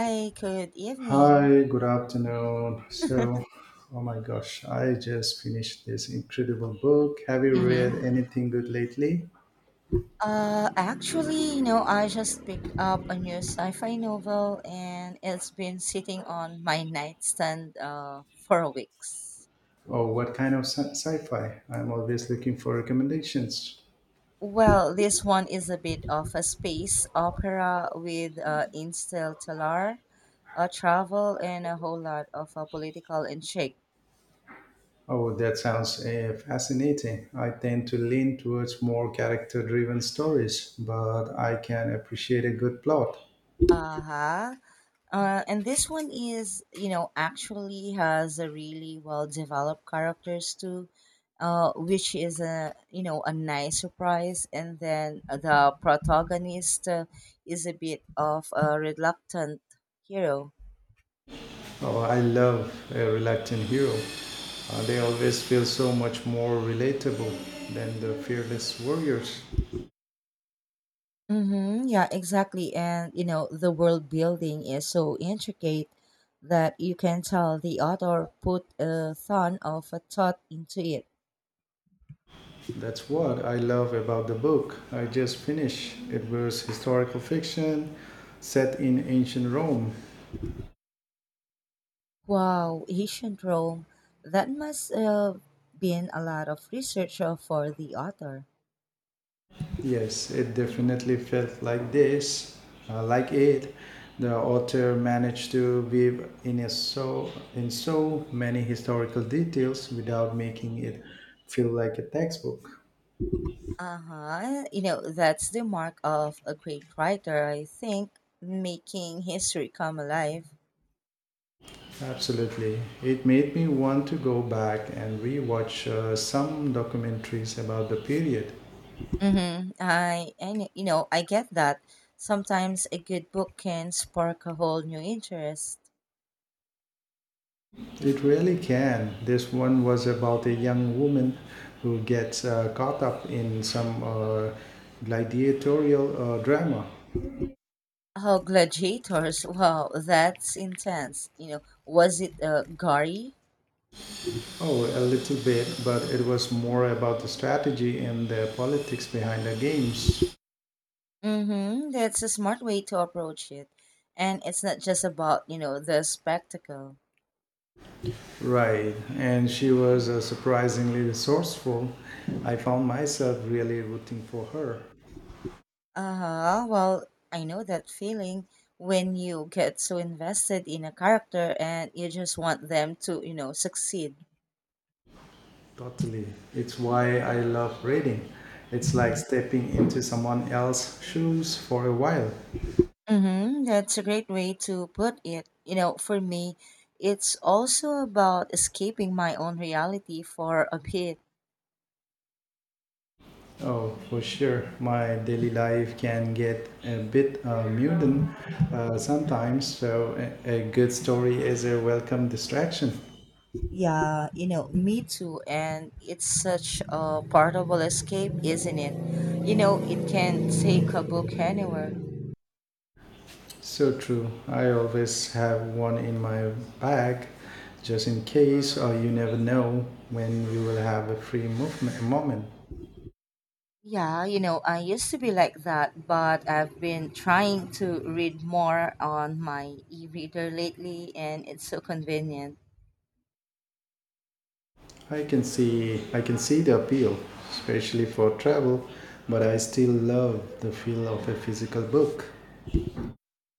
Hi, good evening. Hi, good afternoon. So, oh my gosh, I just finished this incredible book. Have you read Mm-hmm. anything good lately? Actually, I just picked up a new sci-fi novel and it's been sitting on my nightstand for weeks. Or what kind of sci-fi? I'm always looking for recommendations. Well, this one is a bit of a space opera with interstellar travel and a whole lot of political intrigue. Oh, that sounds fascinating. I tend to lean towards more character-driven stories, but I can appreciate a good plot. Uh-huh. And this one is, you know, actually has a really well developed characters too, which is a you know a nice surprise. And then the protagonist is a bit of a reluctant hero. Oh, I love a reluctant hero. They always feel so much more relatable than the fearless warriors. Mm-hmm, yeah, exactly. And you know, the world building is so intricate that you can tell the author put a ton of a thought into it. That's what I love about the book I just finished. It was historical fiction set in ancient Rome. Wow, ancient Rome. That must have been a lot of research for the author. Yes, it definitely felt like it. The author managed to weave in a so in so many historical details without making it feel like a textbook. Uh huh. You know, that's the mark of a great writer, I think, making history come alive. Absolutely. It made me want to go back and rewatch some documentaries about the period. Mm-hmm. And you know, I get that. Sometimes a good book can spark a whole new interest. It really can. This one was about a young woman who gets caught up in some gladiatorial drama. Oh, Gladiators. Wow, that's intense. You know, was it Gary? Oh, a little bit, but it was more about the strategy and the politics behind the games. Mm-hmm. That's a smart way to approach it. And it's not just about, you know, the spectacle. Right, and she was surprisingly resourceful. I found myself really rooting for her. Uh-huh. Well, I know that feeling when you get so invested in a character and you just want them to, you know, succeed. Totally. It's why I love reading. It's like stepping into someone else's shoes for a while. Mm-hmm. That's a great way to put it. You know, for me, it's also about escaping my own reality for a bit. Oh, for sure. My daily life can get a bit muddled sometimes, so a good story is a welcome distraction. Yeah, you know, me too. And it's such a portable escape, isn't it? You know, it can take a book anywhere. So true. I always have one in my bag just in case, or you never know when you will have a free moment. Yeah, you know, I used to be like that, but I've been trying to read more on my e reader lately, and it's so convenient. I can see the appeal, especially for travel, but I still love the feel of a physical book.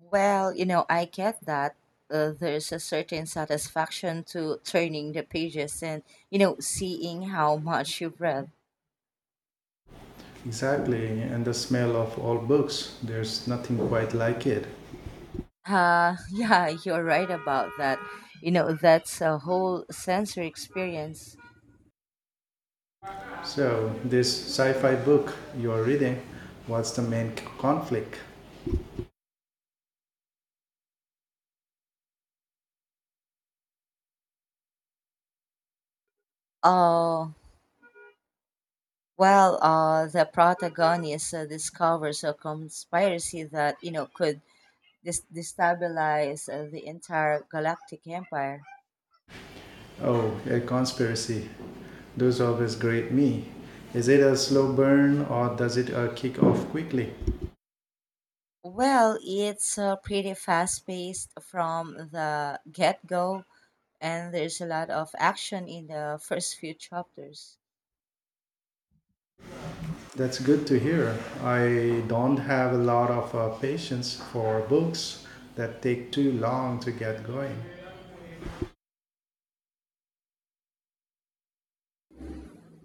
Well, you know, I get that. There's a certain satisfaction to turning the pages and, you know, seeing how much you've read. Exactly, and the smell of old books, there's nothing quite like it. Yeah, you're right about that. You know, that's a whole sensory experience. So, this sci fi book you're reading, what's the main conflict? Uh, well, the protagonist discovers a conspiracy that, you know, could destabilize the entire galactic empire. Oh, a conspiracy. Those always grate me. Is it a slow burn or does it kick off quickly? Well, it's pretty fast paced from the get go, and there's a lot of action in the first few chapters. That's good to hear. I don't have a lot of patience for books that take too long to get going.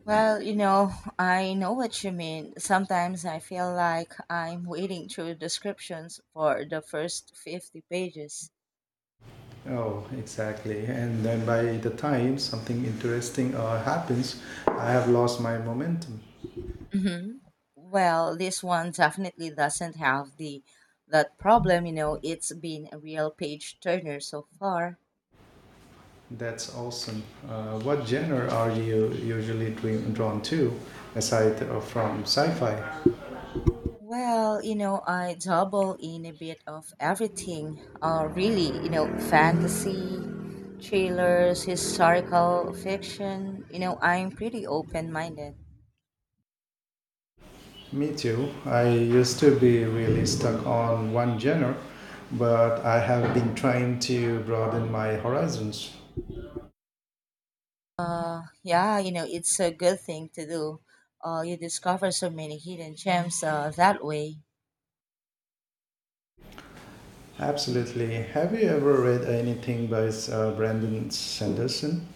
Well, you know, I know what you mean. Sometimes I feel like I'm wading through descriptions for the first 50 pages. Oh, exactly. And then by the time something interesting happens, I have lost my momentum. hmm Well, this one definitely doesn't have the that problem, you know, it's been a real page turner so far. That's awesome. What genre are you usually drawn to, aside from sci-fi? Well, you know, I double in a bit of everything. Really, you know, fantasy, thrillers, historical fiction, you know, I'm pretty open-minded. Me too. I used to be really stuck on one genre, but I have been trying to broaden my horizons. Yeah, you know, it's a good thing to do. You discover so many hidden gems that way. Absolutely. Have you ever read anything by Brandon Sanderson?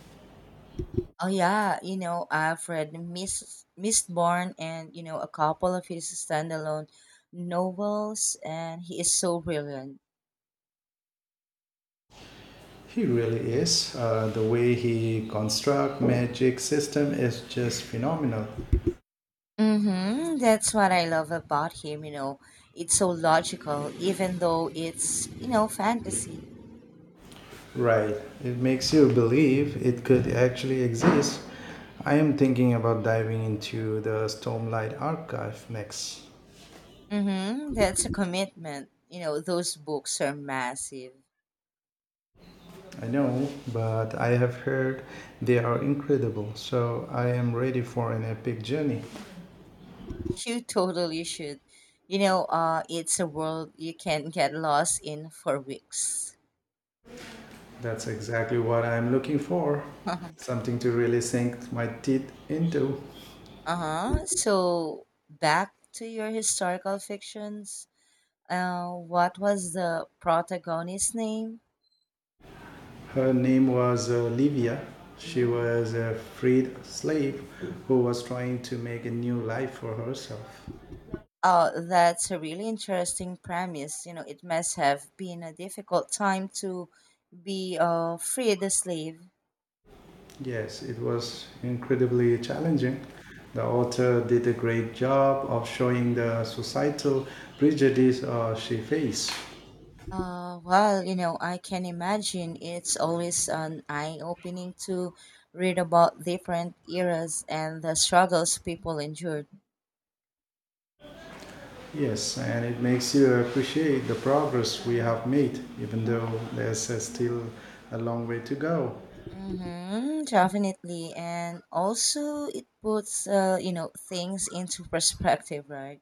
Oh yeah, you know, I've read Miss Mistborn and you know a couple of his standalone novels, and he is so brilliant. He really is. The way he construct magic system is just phenomenal. Mm-hmm. That's what I love about him. You know, it's so logical, even though it's fantasy. Right. It makes you believe it could actually exist. I am thinking about diving into the Stormlight archive next. Mm-hmm. That's a commitment. You know, those books are massive. I know, but I have heard they are incredible, so I am ready for an epic journey. You totally should. You know, it's a world you can get lost in for weeks. That's exactly what I am looking for. uh Something to really sink my teeth into. huh. So back to your historical fictions. What was the protagonist's name? Her name was Livia. She hmm was a freed slave who was trying to make a new life for herself. Oh, that's a really interesting premise. You know, it must have been a difficult time to be a freed slave. Yes, it was incredibly challenging. The author did a great job of showing the societal prejudice she faced. Well, you know, I can imagine it's always an eye-opening to read about different eras and the struggles people endured. Yes, and it makes you appreciate the progress we have made, even though there's still a long way to go. Mm-hmm, definitely. And also it puts you know, things into perspective, right?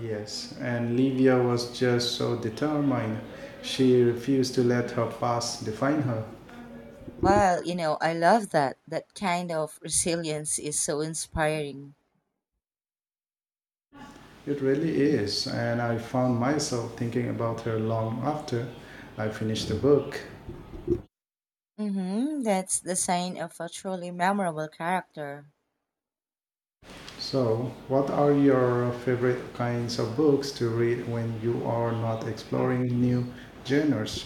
Yes, and Livia was just so determined. She refused to let her past define her. Well, you know, I love that. That kind of resilience is so inspiring. It really is, and I found myself thinking about her long after I finished the book. Mm-hmm, that's the sign of a truly memorable character. So, what are your favorite kinds of books to read when you are not exploring new genres?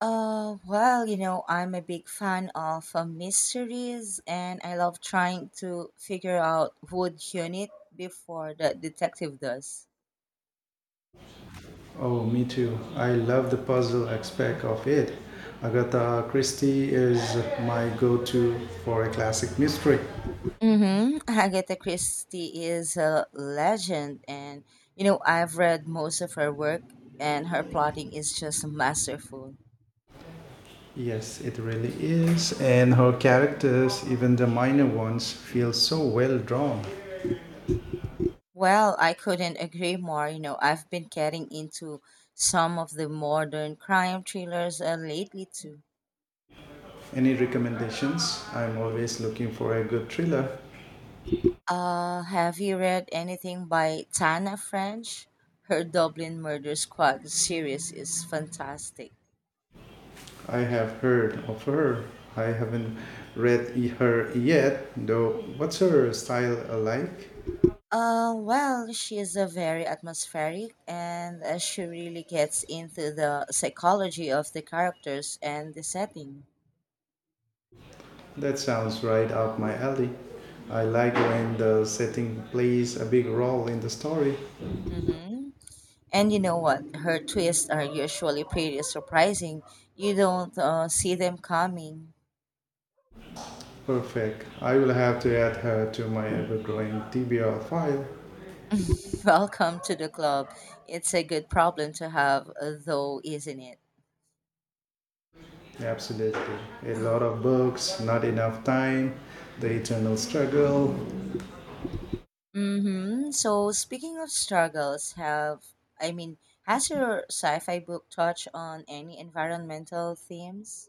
Well, you know, I'm a big fan of mysteries and I love trying to figure out who'd done it before the detective does. Oh, me too. I love the puzzle aspect of it. Agatha Christie is my go to for a classic mystery. Mm-hmm. Agatha Christie is a legend, and you know, I've read most of her work, and her plotting is just masterful. Yes, it really is. And her characters, even the minor ones, feel so well drawn. Well, I couldn't agree more. You know, I've been getting into some of the modern crime thrillers lately, too. Any recommendations? I'm always looking for a good thriller. Have you read anything by Tana French? Her Dublin Murder Squad series is fantastic. I have heard of her. I haven't read her yet, though. What's her style like? Well, she is a very atmospheric and she really gets into the psychology of the characters and the setting. That sounds right up my alley. I like when the setting plays a big role in the story. Mm-hmm. And you know what? Her twists are usually pretty surprising. You don't see them coming. Perfect. I will have to add her to my ever growing TBR file. Welcome to the club. It's a good problem to have, though, isn't it? Absolutely. A lot of books, not enough time, the eternal struggle. Mm-hmm. So speaking of struggles, I mean, has your sci-fi book touched on any environmental themes?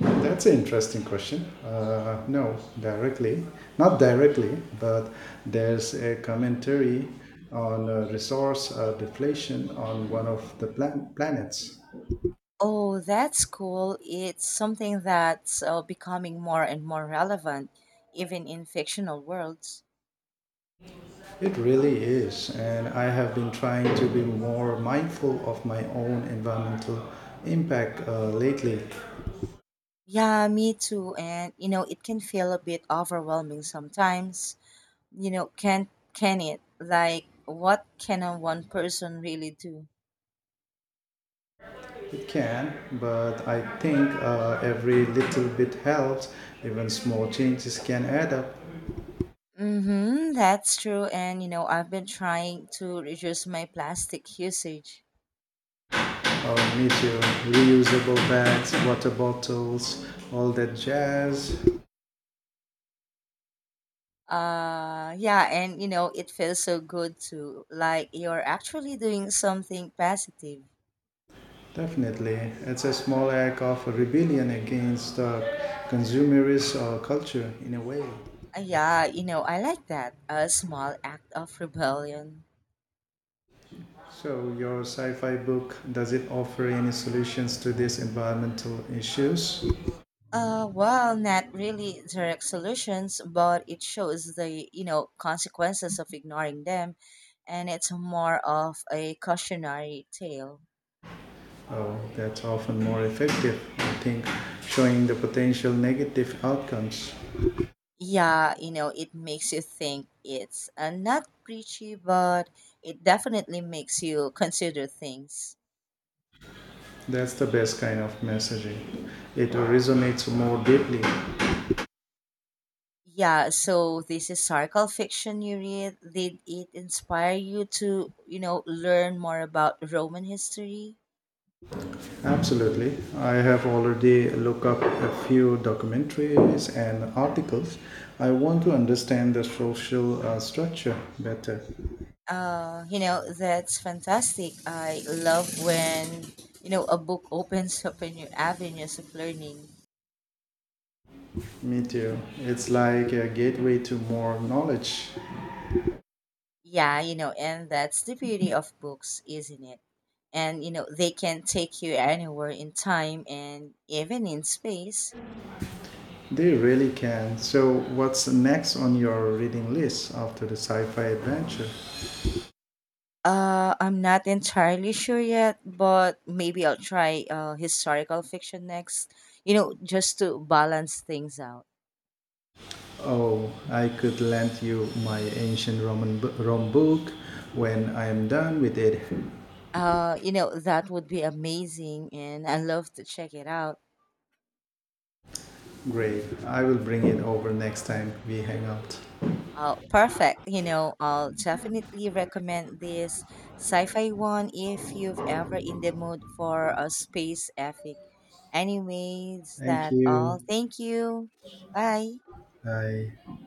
That's an interesting question. Not directly, but there's a commentary on resource deflation on one of the planets. Oh, that's cool. It's something that's becoming more and more relevant, even in fictional worlds. It really is, and I have been trying to be more mindful of my own environmental impact lately. Yeah, me too. And you know, it can feel a bit overwhelming sometimes. You know, can it? Like, what can a one person really do? It can, but I think every little bit helps. Even small changes can add up. Mm-hmm, that's true. And you know, I've been trying to reduce my plastic usage. Our nature, reusable bags, water bottles, all that jazz. Yeah, and you know, it feels so good too. Like you're actually doing something positive. Definitely, it's a small act of rebellion against the consumerist culture in a way. Yeah, you know, I like that. A small act of rebellion. So, your sci fi book does it offer any solutions to these environmental issues? Well, not really direct solutions, but it shows the, you know, consequences of ignoring them, and it's more of a cautionary tale. Oh, that's often more effective, I think, showing the potential negative outcomes. Yeah, you know, it makes you think it's not preachy, but it definitely makes you consider things. That's the best kind of messaging. It resonates more deeply. Yeah, so this historical fiction you read, did it inspire you to, you know, learn more about Roman history? Absolutely. I have already looked up a few documentaries and articles. I want to understand the social structure better. You know, that's fantastic. I love when, you know, a book opens up a new avenues of learning. Me too. It's like a gateway to more knowledge. Yeah, you know, and that's the beauty of books, isn't it? And you know they can take you anywhere in time and even in space. They really can. So, what's next on your reading list after the sci fi adventure? I'm not entirely sure yet, but maybe I'll try historical fiction next. You know, just to balance things out. Oh, I could lend you my ancient Roman Rome book when I am done with it. You know that would be amazing, and I love to check it out. Great. I will bring it over next time we hang out. Oh, perfect. You know, I'll definitely recommend this sci-fi one if you've ever in the mood for a space epic. Anyways, Thank that you. all. Thank you. Bye. Bye.